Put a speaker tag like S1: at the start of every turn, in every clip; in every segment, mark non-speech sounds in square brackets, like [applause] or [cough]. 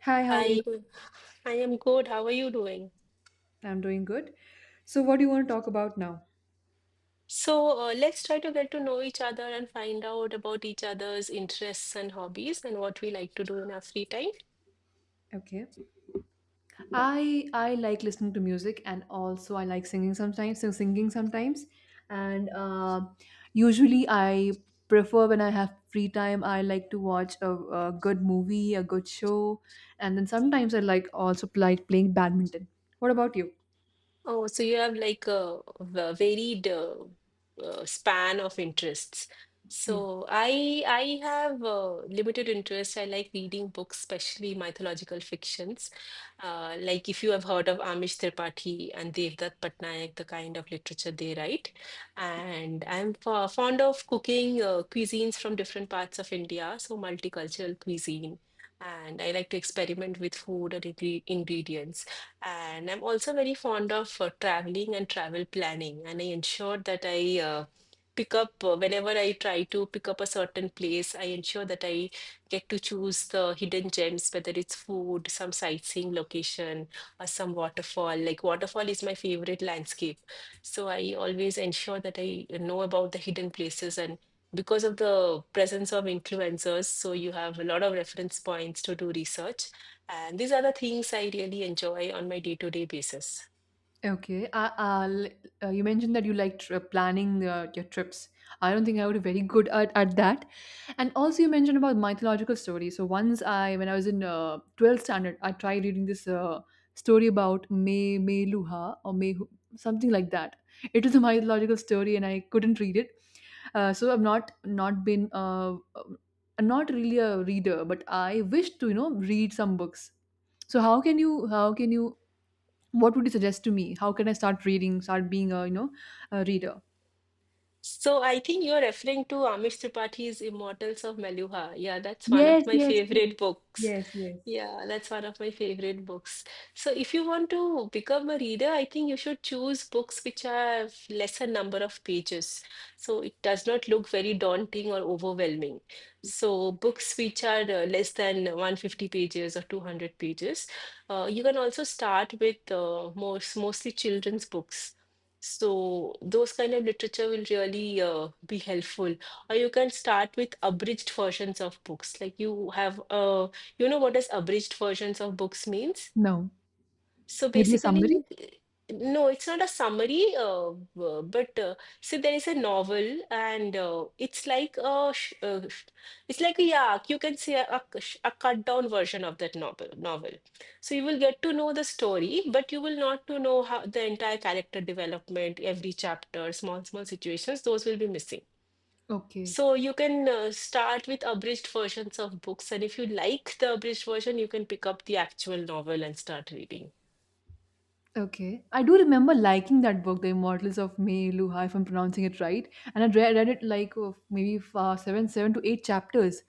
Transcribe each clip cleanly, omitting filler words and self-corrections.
S1: Hi, how are you?
S2: I I am good. How are you doing?
S1: I'm doing good. So, what do you want to talk about now?
S2: So, let's try to get to know each other and find out about each other's interests and hobbies and what we like to do in our free time.
S1: Okay. I like listening to music and also I like singing sometimes. So singing sometimes, and usually I prefer when I have free time. I like to watch a good movie, a good show, and then sometimes I like also like playing badminton. What about you?
S2: Oh, so you have like varied span of interests. So I have limited interest. I like reading books, especially mythological fictions. Like if you have heard of Amish Tripathi and Devdutt Patnaik, the kind of literature they write. And I'm fond of cooking cuisines from different parts of India, so multicultural cuisine. And I like to experiment with food and ingredients. And I'm also very fond of traveling and travel planning. And I ensure that whenever I try to pick up a certain place, I ensure that I get to choose the hidden gems, whether it's food, some sightseeing location, or some waterfall. Like, waterfall is my favorite landscape. So I always ensure that I know about the hidden places and because of the presence of influencers, so you have a lot of reference points to do research. And these are the things I really enjoy on my day to day basis.
S1: Okay. You mentioned that you like planning your trips. I don't think I would be very good at that. And also, you mentioned about mythological stories. So once I, when I was in 12th standard, I tried reading this story about May Luha or May something like that. It was a mythological story, and I couldn't read it. So I've not been not really a reader, but I wish to read some books. So how can you what would you suggest to me? How can I start reading, start being, a you know, a reader?
S2: So I think you're referring to Amish Tripathi Immortals of Maluha. Yeah, that's one of
S1: Yes,
S2: my
S1: yes, yes,
S2: favorite books.
S1: yes, yes.
S2: Yeah, that's one of my favorite books. So if you want to become a reader, I think you should choose books which have lesser number of pages. So it does not look very daunting or overwhelming. So books which are less than 150 pages or 200 pages. You can also start with mostly children's books. So those kind of literature will really be helpful. Or you can start with abridged versions of books. Like you have a You know what does abridged versions of books means?
S1: No.
S2: So
S1: Maybe a summary.
S2: basically, no, it's not a summary, but so there is a novel, and it's like a sh- sh- it's like a yeah, you can say a cut down version of that novel. So you will get to know the story, but you will not to know how the entire character development, every chapter, small small situations. Those will be missing.
S1: Okay.
S2: So you can start with abridged versions of books, and if you like the abridged version, you can pick up the actual novel and start reading.
S1: Okay. I do remember liking that book, The Immortals of May Luha, if I'm pronouncing it right. And I read it like oh, maybe seven to eight chapters.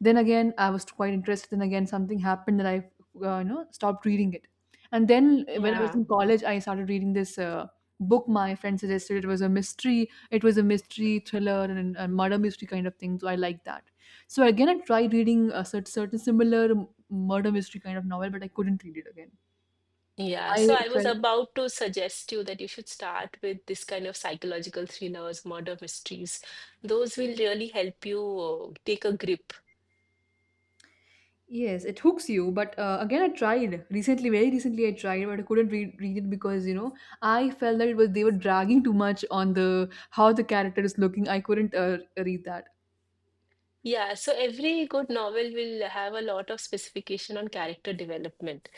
S1: Then again, I was quite interested. Then again, something happened that you know, stopped reading it. And then when I was
S2: Yeah.
S1: in college, I started reading this book my friend suggested. It was a mystery. It was a mystery thriller and a murder mystery kind of thing. So I liked that. So again, I tried reading a certain similar murder mystery kind of novel, but I couldn't read it again.
S2: Yeah,
S1: I
S2: so I was
S1: felt.
S2: about to suggest you that you should start with this kind of psychological thrillers, murder mysteries. Those will really help you take a grip.
S1: Yes, it hooks you. But again, I tried recently, very recently, I tried, but I couldn't read it because you know I felt that it was they were dragging too much on the how the character is looking. I couldn't read that.
S2: Yeah, so every good novel will have a lot of specification on character development.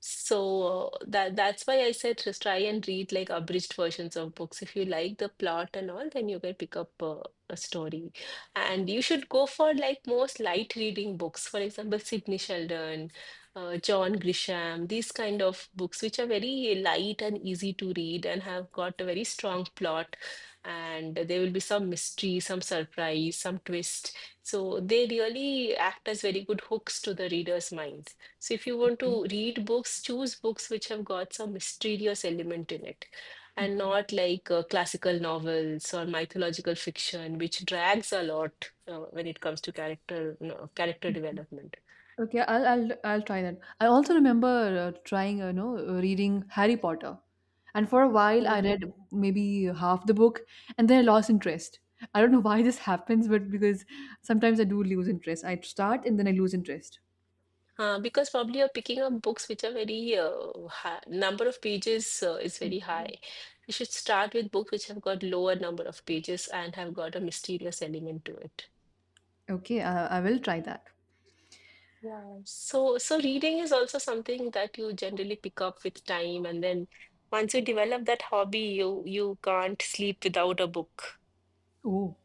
S2: So that's why I said just try and read like abridged versions of books. If you like the plot and all, then you can pick up a story. And you should go for like most light reading books. For example, Sidney Sheldon, John Grisham, these kind of books which are very light and easy to read and have got a very strong plot. And there will be some mystery, some surprise, some twist. So they really act as very good hooks to the reader's minds. So if you want
S1: Okay.
S2: to read books, choose books which have got some mysterious element in it, and
S1: Okay.
S2: not like classical novels or mythological fiction, which drags a lot when it comes to character no, character
S1: Mhm.
S2: development.
S1: Okay, I'll try that. I also remember trying, reading Harry Potter, and for a while I
S2: Mm.
S1: read maybe half the book, and then I lost interest. I don't know why this [laughs] happens, but because sometimes I do lose interest. I start and then I lose interest.
S2: Because probably you're picking up books which are very number of pages is very high. You should start with books which have got lower number of pages and have got a mysterious element to it.
S1: Okay, I will try that.
S2: Yeah. So, reading is also something that you generally pick up with time, and then once you develop that hobby, you can't sleep without a book.
S1: Oh,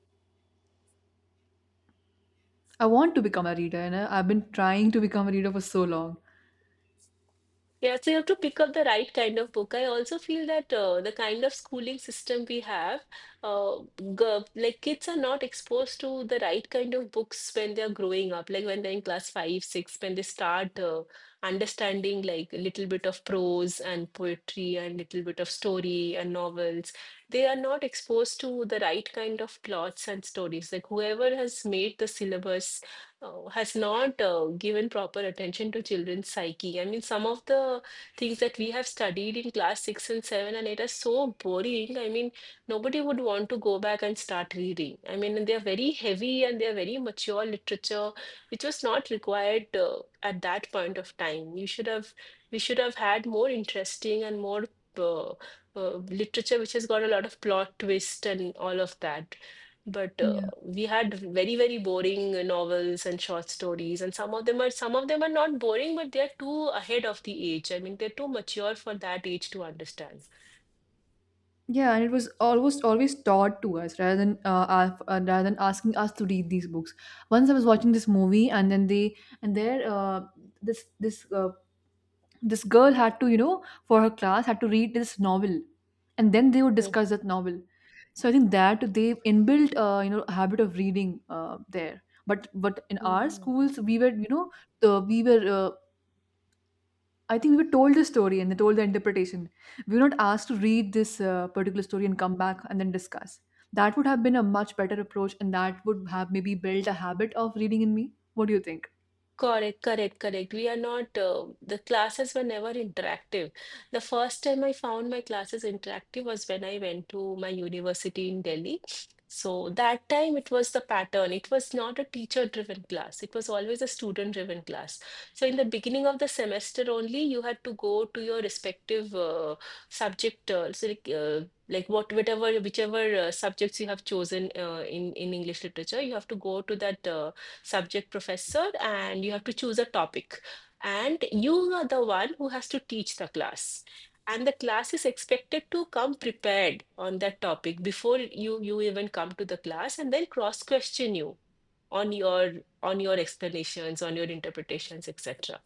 S1: I want to become a reader, and I've been trying to become a reader for so long.
S2: Yeah, so you have to pick up the right kind of book. I also feel that the kind of schooling system we have, uh, like kids are not exposed to the right kind of books when they're growing up, like when they're in class five, six, when they start understanding like a little bit of prose and poetry and little bit of story and novels. They are not exposed to the right kind of plots and stories. Like whoever has made the syllabus has not given proper attention to children's psyche. I mean, some of the things that we have studied in class six and seven and it is so boring. I mean, nobody would want to go back and start reading. I mean, and they are very heavy and they are very mature literature, which was not required at that point of time. We should have had more interesting and more uh, literature which has got a lot of plot twist and all of that, but
S1: Yeah,
S2: we had very very boring novels and short stories, and some of them are not boring but they are too ahead of the age. I mean, they're too mature for that age to understand.
S1: yeah, and it was almost always taught to us rather than rather than asking us to read these books. Once I was watching this movie, and then they and there this this this girl had to for her class had to read this novel, and then they would discuss that novel. So I think that they inbuilt a habit of reading there. But in our
S2: Mhm.
S1: schools we were you know the we were I think we were told the story and they told the interpretation. We were not asked to read this particular story and come back and then discuss. That would have been a much better approach, and that would have maybe built a habit of reading in me. What do you think?
S2: Correct, correct, correct. We are not, the classes were never interactive. The first time I found my classes interactive was when I went to my university in Delhi. So that time it was the pattern. It was not a teacher-driven class. It was always a student-driven class. So in the beginning of the semester only, you had to go to your respective subject, so like what, whatever, whichever subjects you have chosen in English literature, you have to go to that subject professor and you have to choose a topic. And you are the one who has to teach the class. And the class is expected to come prepared on that topic before you even come to the class and then cross question you on your on your explanations, on your interpretations, etc.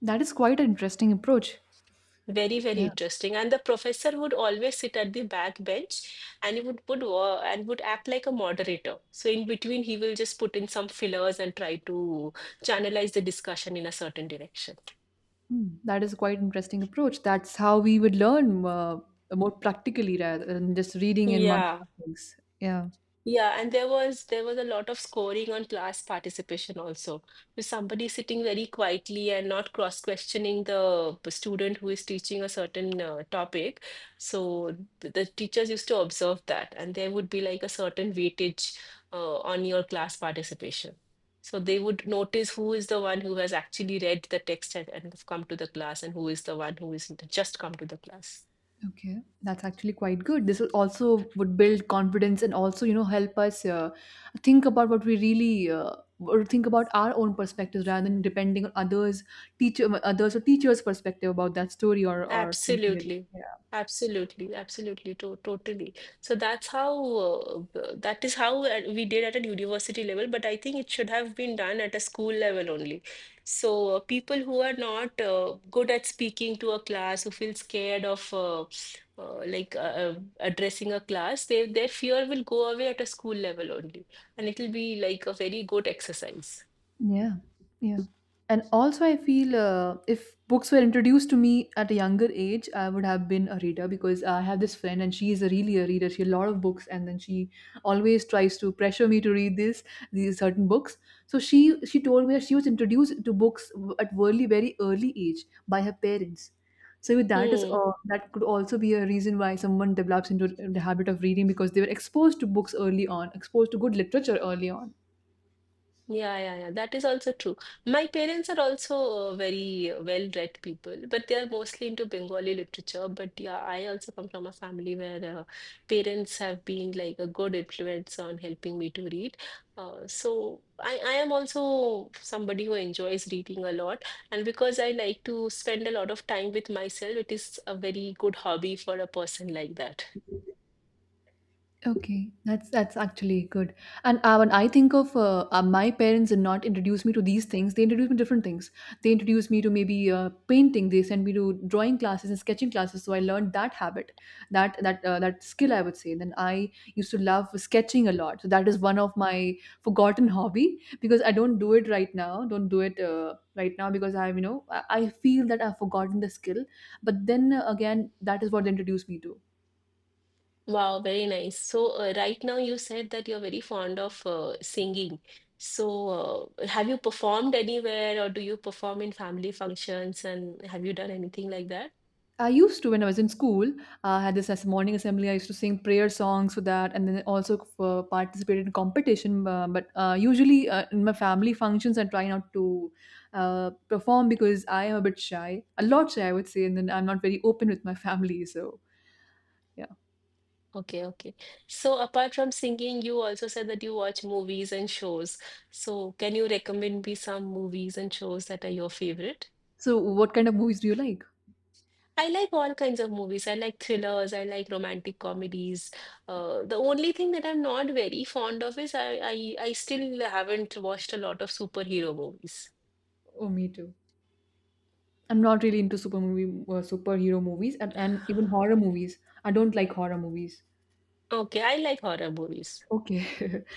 S1: That is quite an interesting approach.
S2: Very, very
S1: Yeah.
S2: interesting. And the professor would always sit at the back bench and he would put wo- and would act like a moderator. So in between, he will just put in some fillers and try to channelize the discussion in a certain direction.
S1: Hmm, that is quite interesting approach. That's how we would learn more practically rather than just reading and marking
S2: Yeah.
S1: up things. Yeah.
S2: Yeah, and there was a lot of scoring on class participation also. With somebody sitting very quietly and not cross-questioning the student who is teaching a certain topic. So the teachers used to observe that, and there would be like a certain weightage on your class participation. So they would notice who is the one who has actually read the text and, have come to the class, and who is the one who is just come to the class.
S1: Okay, that's actually quite good. This will also would build confidence and also, you know, help us think about what we really or think about our own perspectives rather than depending on others, teacher, others or teachers' perspective about that story or something
S2: Absolutely.
S1: else.
S2: Absolutely, absolutely, to totally. So that is how we did at a university level, but I think it should have been done at a school level only. So people who are not good at speaking to a class, who feel scared of uh, like uh, uh, addressing a class, they, their fear will go away at a school level only, and it'll be like a very good exercise.
S1: Yeah, yeah. And also, I feel if books were introduced to me at a younger age, I would have been a reader because I have this friend and she is a really a reader. She has a lot of books, and then she always tries to pressure me to read this these certain books. So she told me that she was introduced to books at very very early age by her parents. So that is
S2: Hmm.
S1: that could also be a reason why someone develops into the habit of reading because they were exposed to books early on, exposed to good literature early on.
S2: Yeah, yeah, yeah. That is also true. My parents are also very well-read people, but they are mostly into Bengali literature. But yeah, I also come from a family where parents have been like a good influence on helping me to read. So I am also somebody who enjoys reading a lot. And because I like to spend a lot of time with myself, it is a very good hobby for a person like that.
S1: Okay, that's actually good. And when I think of my parents did not introduce me to these things, they introduced me to different things. They introduced me to maybe painting. They sent me to drawing classes and sketching classes. So I learned that habit, that skill, I would say. Then I used to love sketching a lot. So that is one of my forgotten hobby because I don't do it right now. Don't do it right now because I'm you know I feel that I've forgotten the skill. But then again, that is what they introduced me to.
S2: Wow, very nice. So, right now you said that you're very fond of singing. So, have you performed anywhere or do you perform in family functions and have you done anything like that?
S1: I used to when I was in school. I had this as a morning assembly. I used to sing prayer songs for that, and then also participated in competition. But usually in my family functions, I try not to perform because I am a bit shy, a lot shy, I would say, and then I'm not very open with my family. So yeah.
S2: Okay, okay. So, apart from singing, you also said that you watch movies and shows. So, can you recommend me some movies and shows that are your favorite?
S1: So what kind of movies do you like?
S2: I like all kinds of movies. I like thrillers. I like romantic comedies. The only thing that I'm not very fond of is I still haven't watched a lot of superhero movies.
S1: Oh, me too. I'm not really into superhero movies, and even horror movies. I don't like horror movies.
S2: Okay, I like horror movies.
S1: Okay. [laughs]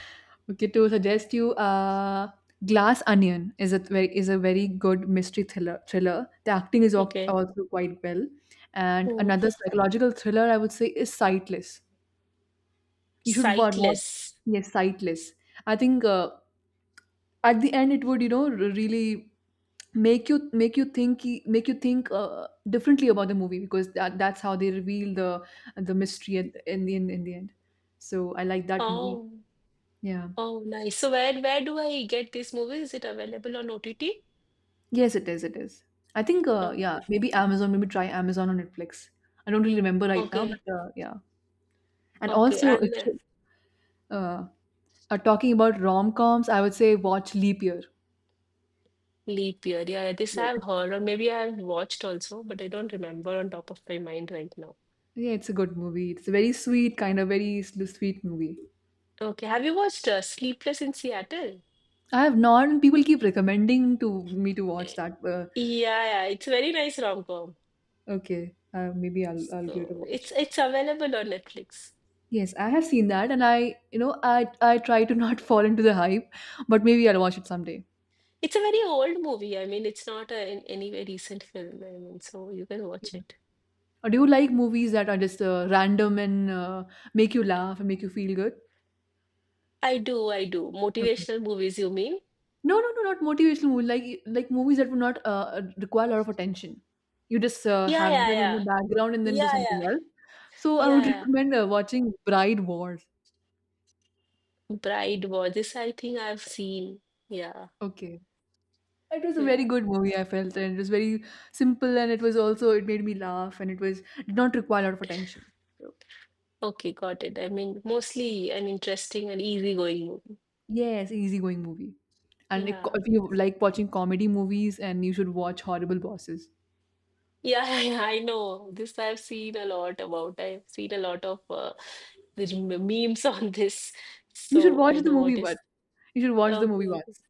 S1: Okay, to suggest you, Glass Onion is a very good mystery thriller. Thriller. The acting is
S2: Okay.
S1: also quite well. And
S2: Hmm.
S1: another psychological thriller I would say is Sightless. You should watch,
S2: Sightless.
S1: yes, Sightless. I think at the end it would you know really make you make you think make you think differently about the movie because that's how they reveal the mystery in in the end. So I like that movie.
S2: Oh,
S1: Yeah.
S2: oh, nice. So where do I get this movie? Is it available on OTT?
S1: Yes, it is. It is. I think, yeah,
S2: Okay,
S1: maybe Amazon, maybe try Amazon or Netflix. I don't really remember right now,
S2: okay,
S1: but yeah. And
S2: okay.
S1: also, if
S2: And
S1: you uh, are talking about rom-coms, I would say watch Leap Year.
S2: Leap Year. Yeah, this
S1: Yeah,
S2: I've
S1: it-
S2: heard, or maybe I've watched also, but I don't remember on top of my mind right now.
S1: yeah, it's a good movie. It's a very sweet, kind of very sweet movie.
S2: Okay, have you watched Sleepless in Seattle?
S1: I have not, and people keep recommending to me to watch that.
S2: Yeah, yeah, it's a very nice rom-com.
S1: Okay, maybe I'll give it a
S2: So it's
S1: watch.
S2: it's available on Netflix.
S1: Yes, I have seen that, and I, you know, I try to not [laughs] fall into the hype, but maybe I'll watch it someday.
S2: It's a very old movie. I mean, it's not a, in any way recent film. I mean, so you can watch it.
S1: Or do you like movies that are just random and make you laugh and make you feel good?
S2: I do, I do.
S1: Okay.
S2: Motivational movies, you mean?
S1: No, no, no, not motivational movies. Like movies that would not require a lot of attention. You just
S2: Yeah,
S1: have
S2: yeah,
S1: them in the
S2: yeah.
S1: background and then do
S2: Yeah,
S1: something
S2: yeah.
S1: else. So I
S2: Yeah,
S1: would [laughs]
S2: yeah.
S1: recommend watching Bride Wars.
S2: Bride War. This I think I've seen. Yeah,
S1: Okay. It was a very
S2: yeah.
S1: good movie, I felt, and it was very simple, and it was also it made me laugh, and it was did not require a lot of attention. So
S2: Okay, got it. I mean, mostly an interesting and easygoing movie.
S1: yes, easygoing movie. And
S2: Yeah.
S1: if you like watching comedy movies, and you should watch Horrible Bosses.
S2: Yeah, [laughs] I know. This I've seen a lot about. I've seen a lot of the memes [laughs] on this.
S1: You should
S2: So
S1: watch
S2: I
S1: the
S2: know
S1: movie
S2: what is.
S1: once. You should watch the
S2: Okay,
S1: movie
S2: okay,
S1: once.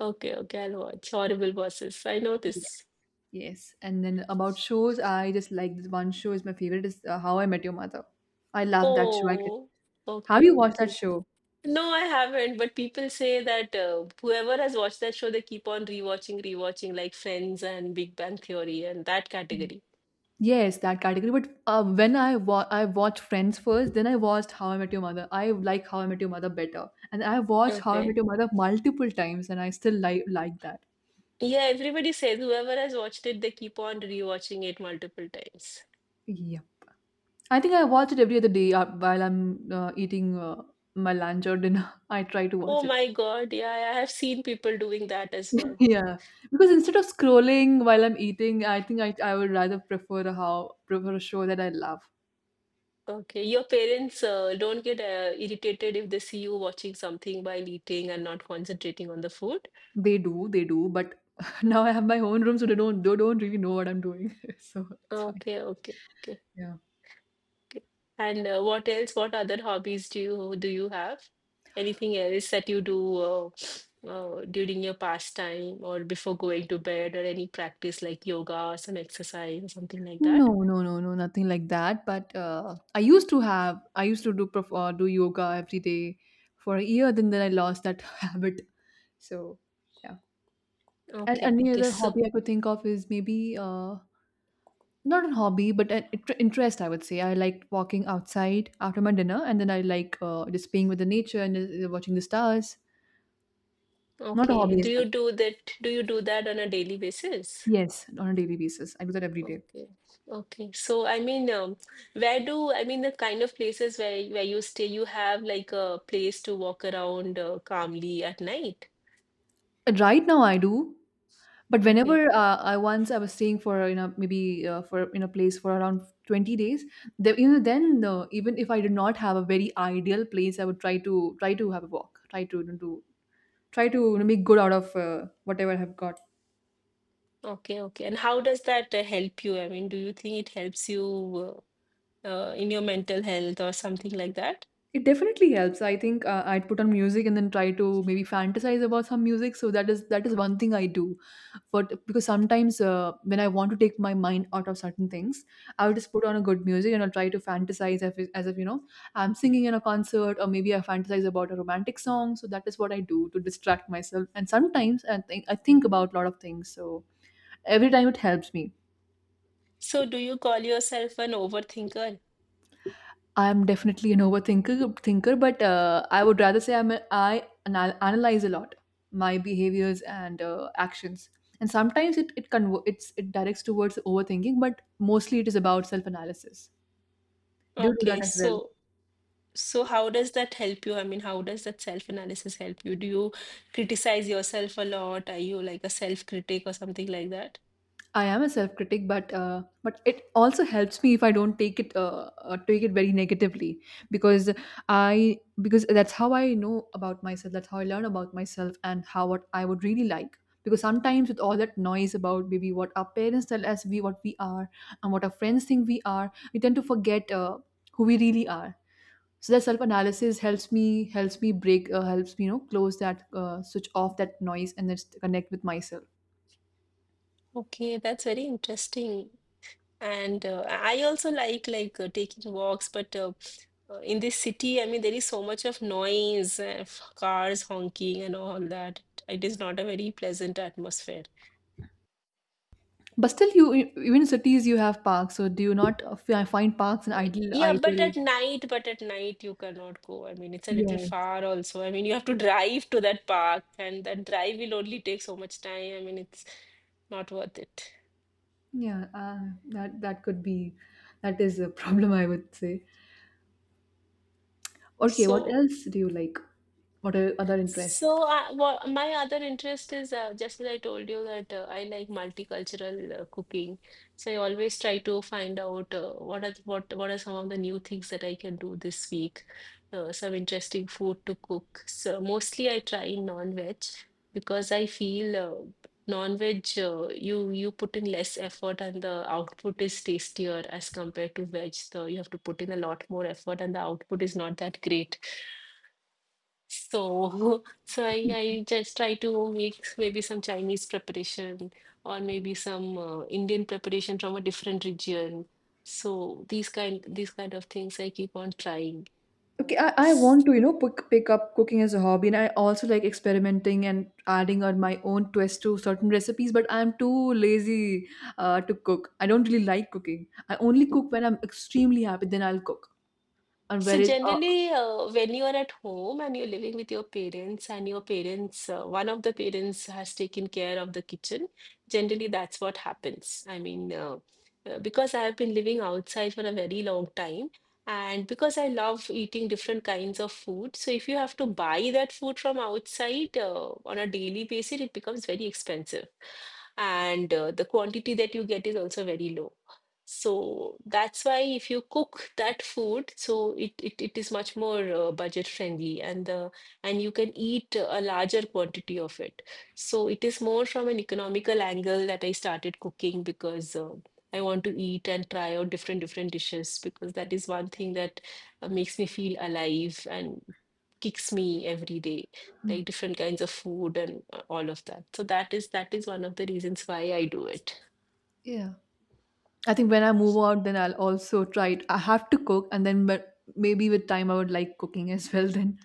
S2: okay, okay. I'll watch Horrible Bosses. I know
S1: Yes.
S2: this.
S1: Yes. And then about shows, I just like this one show is my favorite is How I Met Your Mother. I love that show. I can...
S2: Oh,
S1: Have
S2: okay,
S1: you watched that
S2: okay.
S1: show?
S2: No, I haven't. But people say that whoever has watched that show, they keep on rewatching, like Friends and Big Bang Theory and that category.
S1: Yes, that category. But when I I watched Friends first, then I watched How I Met Your Mother. I like How I Met Your Mother better, and I watched How I Met
S2: Okay.
S1: Your Mother multiple times, and I still like that.
S2: Yeah, everybody says whoever has watched it, they keep on rewatching it multiple times.
S1: Yeah, I think I watch it every other day while I'm eating my lunch or dinner. [laughs] I try to
S2: Oh
S1: watch it.
S2: my God, yeah, I have seen people doing that as
S1: [laughs]
S2: well.
S1: Yeah, because instead of scrolling while I'm eating, I think I would rather prefer a show that I love.
S2: Okay, your parents don't get irritated if they see you watching something while eating and not concentrating on the food.
S1: They do, but [laughs] now I have my own room, so they don't really know what I'm doing. [laughs] So it's fine.
S2: Okay, okay, okay,
S1: Yeah.
S2: okay. And what else? What other hobbies do you have? Anything else that you do during your pastime or before going to bed or any practice like yoga or some exercise or something like that?
S1: No, no, no, no, nothing like that. But I used to do do yoga every day for a year. Then I lost that [laughs] habit. So yeah. And
S2: Okay,
S1: any
S2: okay.
S1: other
S2: So,
S1: hobby I could think of is maybe uh, not a hobby, but an interest, I would say. I liked walking outside after my dinner, and then I like just being with the nature and watching the stars. Not a
S2: okay,
S1: hobby
S2: do
S1: as such.
S2: you do that? Do you do that on a daily basis?
S1: Yes, on a daily basis. I do that every day.
S2: Okay. Okay. So I mean, where do I mean the kind of places where you stay, you have like a place to walk around calmly at night.
S1: And Right now, I do. But
S2: Okay.
S1: whenever I once I was staying for maybe for in a place for around 20 days, the, you know then even if I did not have a very ideal place, I would try to have a walk, try to do try to make good out of whatever I have got.
S2: Okay. Okay. And how does that help you? I mean, do you think it helps you in your mental health or something like that?
S1: It definitely helps. I think I'd put on music and then try to maybe fantasize about some music. So that is one thing I do. But because sometimes when I want to take my mind out of certain things, I'll just put on a good music and I'll try to fantasize as if I'm singing in a concert or maybe I fantasize about a romantic song. So that is what I do to distract myself. And sometimes I think about a lot of things. So every time it helps me.
S2: So do you call yourself an overthinker?
S1: I'm definitely an thinker, but I would rather say I analyze a lot my behaviors and actions, and sometimes it it conver- it's it directs towards overthinking, but mostly it is about self analysis. Do you do that
S2: Okay.
S1: as well?
S2: So how does that help you? I mean, how does that self-analysis help you? Do you criticize yourself a lot? Are you like a self-critic or something like that?
S1: I am a self critic, but it also helps me if I don't take it very negatively because I because that's how I know about myself. That's how I learn about myself and how what I would really like. Because sometimes with all that noise about maybe what our parents tell us we what we are and what our friends think we are, we tend to forget who we really are. So that self analysis helps me break helps me close that switch off that noise and just connect with myself.
S2: Okay, that's very interesting. And I also like taking walks, but in this city, I mean, there is so much of noise, cars honking and all that. It is not a very pleasant atmosphere.
S1: But still, even in cities you have parks. So do you not find parks an
S2: Yeah,
S1: ideal?
S2: but at night you cannot go. I mean, it's a little
S1: Yes.
S2: far also. I mean, you have to drive to that park, and that drive will only take so much time. I mean, it's not worth it.
S1: Yeah. That that could be, that is a [laughs] problem I would say. Okay. What
S2: So.
S1: else do you like? What are other interests?
S2: So, what my other interest is just as I told you that I like multicultural cooking. So I always try to find out what are some of the new things that I can do this week. Some interesting food to cook. So mostly I try non-veg because I feel non-veg you put in less effort and the output is tastier as compared to veg. So you have to put in a lot more effort and the output is not that great. So, [laughs] so I just try to make maybe some Chinese preparation or maybe some Indian preparation from a different region. So these kind of things I keep on trying. Uh,
S1: Okay, I
S2: s-
S1: want to, you know, pick up cooking as a hobby, and I also like experimenting and adding on my own twist to certain recipes. But I'm too lazy to cook. I don't really like cooking. I only cook when I'm extremely happy. Then I'll cook. And
S2: So
S1: whereas,
S2: generally, when you are at home and you're living with your parents, and your parents, one of the parents has taken care of the kitchen, generally that's what happens. I mean, because I have been living outside for a very long time, and because I love eating different kinds of food, so if you have to buy that food from outside on a daily basis, it becomes very expensive, and the quantity that you get is also very low. So that's why if you cook that food, so it is much more budget friendly, and you can eat a larger quantity of it. So it is more from an economical angle that I started cooking because I want to eat and try out different dishes because that is one thing that makes me feel alive and kicks me every day,
S1: uh,
S2: like different kinds of food and all of that. So that is one of the reasons why I do it.
S1: yeah. I think when I move out, then I'll also try it. I have to cook, and then but maybe with time, I would like cooking [laughs] as well. Then,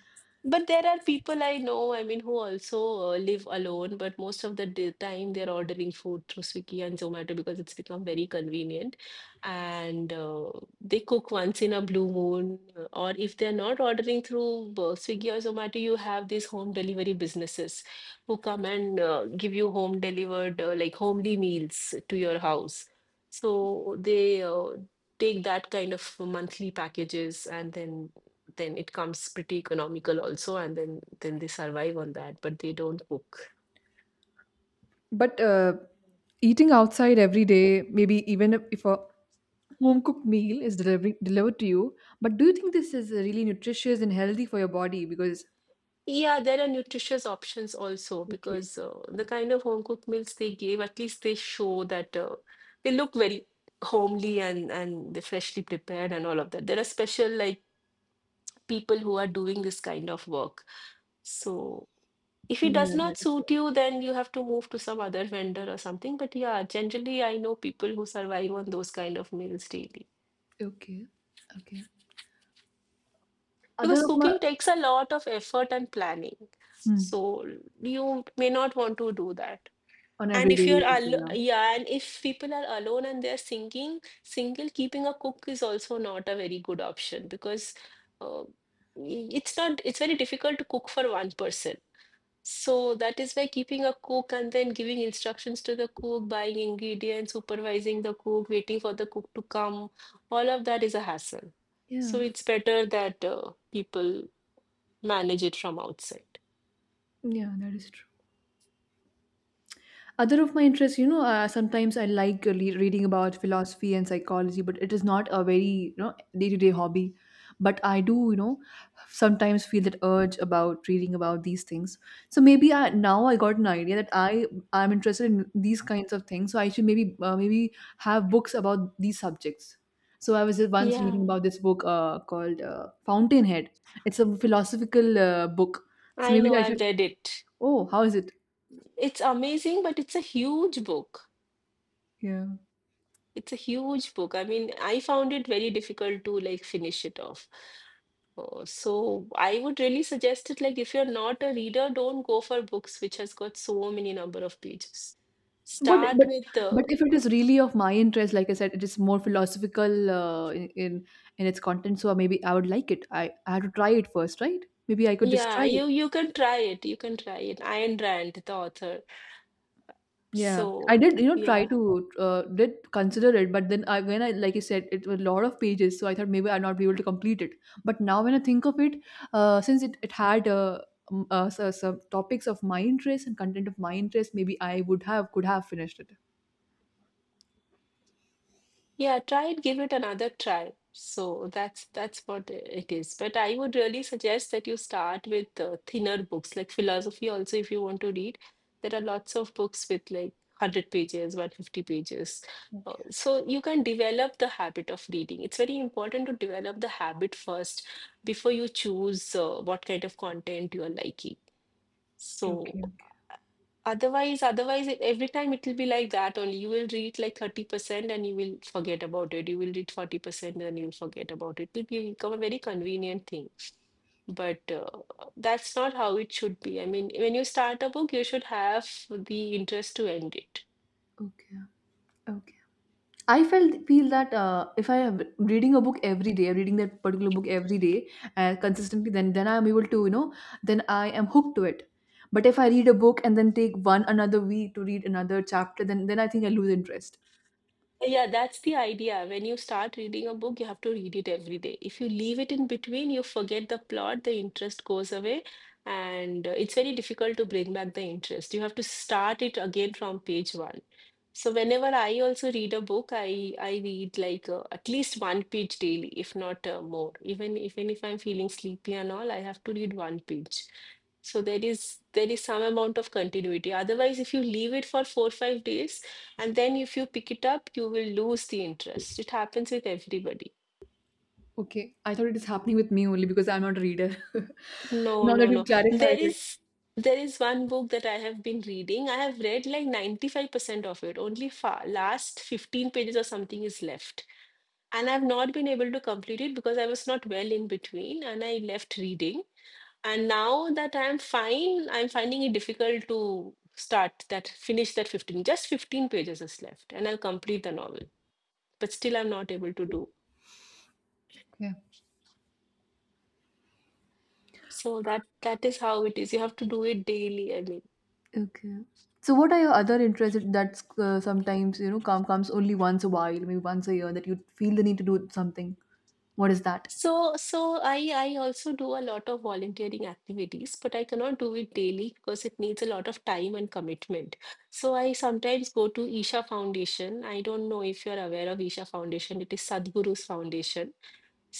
S2: But there are people I know, I mean, who also live alone, but most of the day- time they're ordering food through Swiggy and Zomato because it's become very convenient. And they cook once in a blue moon. Or if they're not ordering through Swiggy or Zomato, you have these home delivery businesses who come and give you home delivered, like homely meals to your house. So they take that kind of monthly packages and then it comes pretty economical also, and then they survive on that, but they don't cook.
S1: but eating outside every day, maybe even if a home cooked meal is delivered to you, but do you think this is really nutritious and healthy for your body? Because
S2: Yeah, there are nutritious options also
S1: okay,
S2: because the kind of home cooked meals they give, at least they show that they look very homely, and they're freshly prepared and all of that. There are special, like, people who are doing this kind of work. So if it
S1: Mm,
S2: does
S1: yeah, that
S2: not
S1: is
S2: suit you, then you have to move to some other vendor or something. But yeah, generally I know people who survive on those kind of meals daily
S1: good. Okay, okay.
S2: because
S1: Other of my
S2: cooking takes a lot of effort and planning,
S1: Hmm.
S2: so you may not want to do that.
S1: on
S2: And
S1: everyday
S2: if you're
S1: basis,
S2: al-
S1: yeah,
S2: Yeah, and if people are alone and they're singing single, keeping a cook is also not a very good option because uh, it's not it's very difficult to cook for one person. So that is why keeping a cook and then giving instructions to the cook, buying ingredients, supervising the cook, waiting for the cook to come, all of that is a hassle. So
S1: yeah,
S2: it's better that people manage it from outside.
S1: yeah. That is true. Other of my interests sometimes I like reading about philosophy and psychology, but it is not a very day-to-day hobby, but I do sometimes feel that urge about reading about these things. So maybe now I got an idea that I'm interested in these kinds of things, so I should maybe have books about these subjects. So I was just once reading
S2: Yeah,
S1: about this book called Fountainhead. It's a philosophical book, so
S2: I
S1: maybe
S2: know,
S1: I should,
S2: I've read it.
S1: oh how is it,
S2: It's amazing, but it's a huge book.
S1: yeah.
S2: It's a huge book. I mean, I found it very difficult to like finish it off. So I would really suggest it, like if you're not a reader, don't go for books which has got so many number of pages.
S1: But
S2: Start
S1: but
S2: with
S1: but
S2: the
S1: if it is really of my interest, like I said, it is more philosophical in its content. So maybe I would like it. I had to try it first, right? Maybe I could just
S2: yeah,
S1: try it.
S2: you can try it. You can try it. Ayn Rand, the author.
S1: Yeah, I
S2: So
S1: did. You know, try
S2: yeah.
S1: to did consider it, but then I when I like you said, it was a lot of pages, so I thought maybe I'll not be able to complete it. But now when I think of it, since it had some topics of my interest and content of my interest, maybe I would have could have finished it.
S2: Yeah, try it, give it another try. So that's what it is. But I would really suggest that you start with thinner books, like philosophy also if you want to read. There are lots of books with like 100 pages, 150 pages.
S1: Okay.
S2: So you can develop the habit of reading. It's very important to develop the habit first before you choose what kind of content you are liking.
S1: Okay.
S2: So
S1: Okay.
S2: Otherwise, every time it will be like that only. You will read like 30% and you will forget about it. You will read 40% and you will forget about it. Become a very convenient thing. But that's not how it should be. I mean, when you start a book, you should have the interest to end it.
S1: Okay. Okay. I felt feel that if I am reading a book every day, reading that particular book every day consistently, then I am able to then I am hooked to it. But if I read a book and then take one another week to read another chapter, then I think I lose interest.
S2: Yeah, that's the idea. When you start reading a book, you have to read it every day. If you leave it in between, you forget the plot, the interest goes away, and it's very difficult to bring back the interest. You have to start it again from page one. So whenever I also read a book, I read like at least one page daily, if not more. Even if I'm feeling sleepy and all, I have to read one page. So there is some amount of continuity. Otherwise, if you leave it for 4, 5 days and then if you pick it up, you will lose the interest. It happens with everybody.
S1: Okay, I thought it is happening with me only because I'm not a reader. [laughs]
S2: No,
S1: Now that
S2: no,
S1: you've
S2: no.
S1: clarified it,
S2: There is one book that I have been reading. I have read like 95% of it. Only fa last 15 pages or something is left, and I've not been able to complete it because I was not well in between, and I left reading. And now that I'm fine, I'm finding it difficult to finish that 15. Just 15 pages is left and I'll complete the novel. But still I'm not able to do.
S1: yeah.
S2: So that is how it is. You have to do it daily, I mean.
S1: Okay. So what are your other interests that sometimes come comes only once a while, maybe once a year, that you feel the need to do something? What is that?
S2: I also do a lot of volunteering activities, but I cannot do it daily because it needs a lot of time and commitment. So I sometimes go to Isha Foundation. I don't know if you're aware of Isha Foundation. It is Sadhguru's foundation.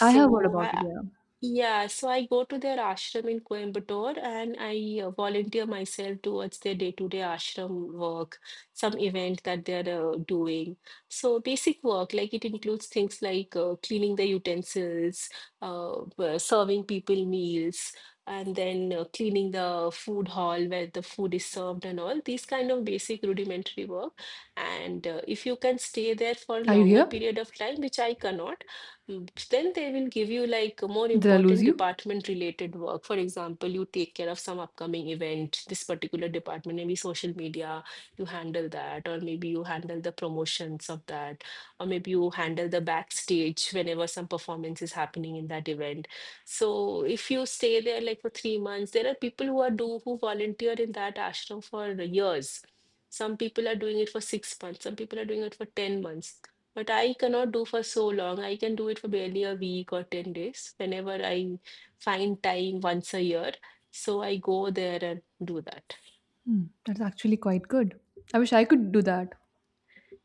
S1: I have heard about it.
S2: I,
S1: Yeah.
S2: yeah, so I go to their ashram in Coimbatore, and I volunteer myself towards their day-to-day ashram work, some event that they're doing. So basic work, like it includes things like cleaning the utensils, serving people meals, and then cleaning the food hall where the food is served and all, these kind of basic rudimentary work. And if you can stay there for a
S1: Are you
S2: longer
S1: here?
S2: period of time, which I cannot, mm, then they will give you like a more
S1: Did I lose
S2: important
S1: you?
S2: department related work. For example, you take care of some upcoming event, this particular department, maybe social media, you handle that, or maybe you handle the promotions of that, or maybe you handle the backstage whenever some performance is happening in that event. So if you stay there like for 3 months, there are people who are do who volunteer in that ashram for years. Some people are doing it for 6 months, some people are doing it for 10 months, but I cannot do for so long. I can do it for barely a week or 10 days whenever I find time once a year. So I go there and do that.
S1: Hmm, that's actually quite good. I wish I could do that.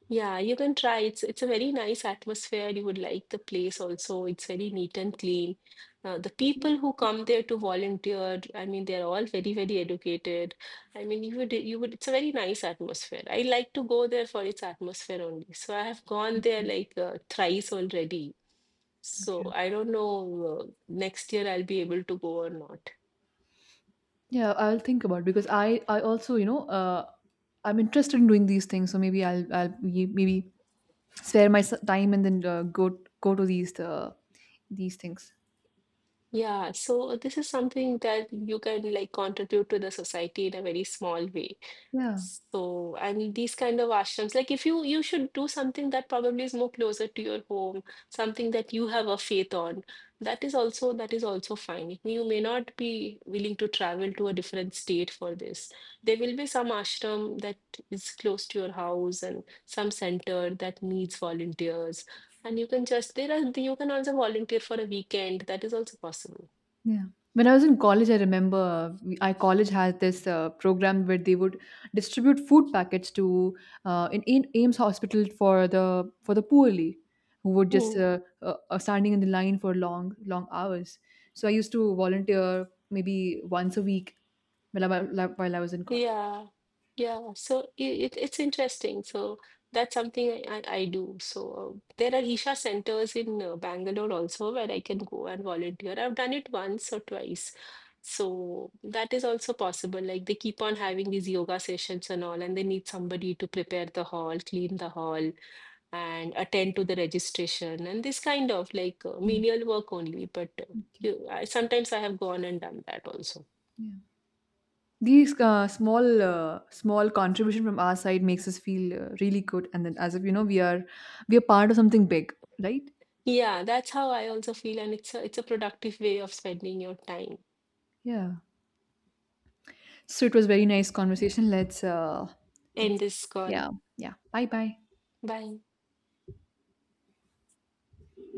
S2: Yeah, you can try. It's a very nice atmosphere. You would like the place also. It's very neat and clean. The people who come there to volunteer, I mean, they're all very, very educated. I mean, you would, it's a very nice atmosphere. I like to go there for its atmosphere only. So I have gone
S1: Okay.
S2: there like thrice already. So
S1: Okay.
S2: I don't know, next year I'll be able to go or not.
S1: Yeah, I'll think about it because I also I'm interested in doing these things, so maybe I'll maybe spare my time and then go to these things.
S2: Yeah, so this is something that you can like contribute to the society in a very small way.
S1: Yeah.
S2: So, and these kind of ashrams, like if you should do something that probably is more closer to your home, something that you have a faith on, that is also fine. You may not be willing to travel to a different state for this. There will be some ashram that is close to your house and some center that needs volunteers. And you can just there are you can also volunteer for a weekend. That is also possible.
S1: Yeah. When I was in college, I remember our college had this program where they would distribute food packets to in Ames Hospital for the poorly who would just are standing in the line for long hours. So I used to volunteer maybe once a week while I was in college.
S2: Yeah, yeah. So it's interesting. So that's something I do. So there are Isha centers in Bangalore also where I can go and volunteer. I've done it once or twice. So that is also possible. Like they keep on having these yoga sessions and all, and they need somebody to prepare the hall, clean the hall, and attend to the registration and this kind of like
S1: Mm.
S2: menial work only. But
S1: Okay.
S2: sometimes I have gone and done that also.
S1: Yeah. These small contribution from our side makes us feel really good, and then as if we are part of something big, right?
S2: Yeah, that's how I also feel, and it's a productive way of spending your time.
S1: Yeah. So it was very nice conversation. Let's,
S2: End
S1: it's,
S2: this call.
S1: yeah, yeah. Bye bye.
S2: Bye.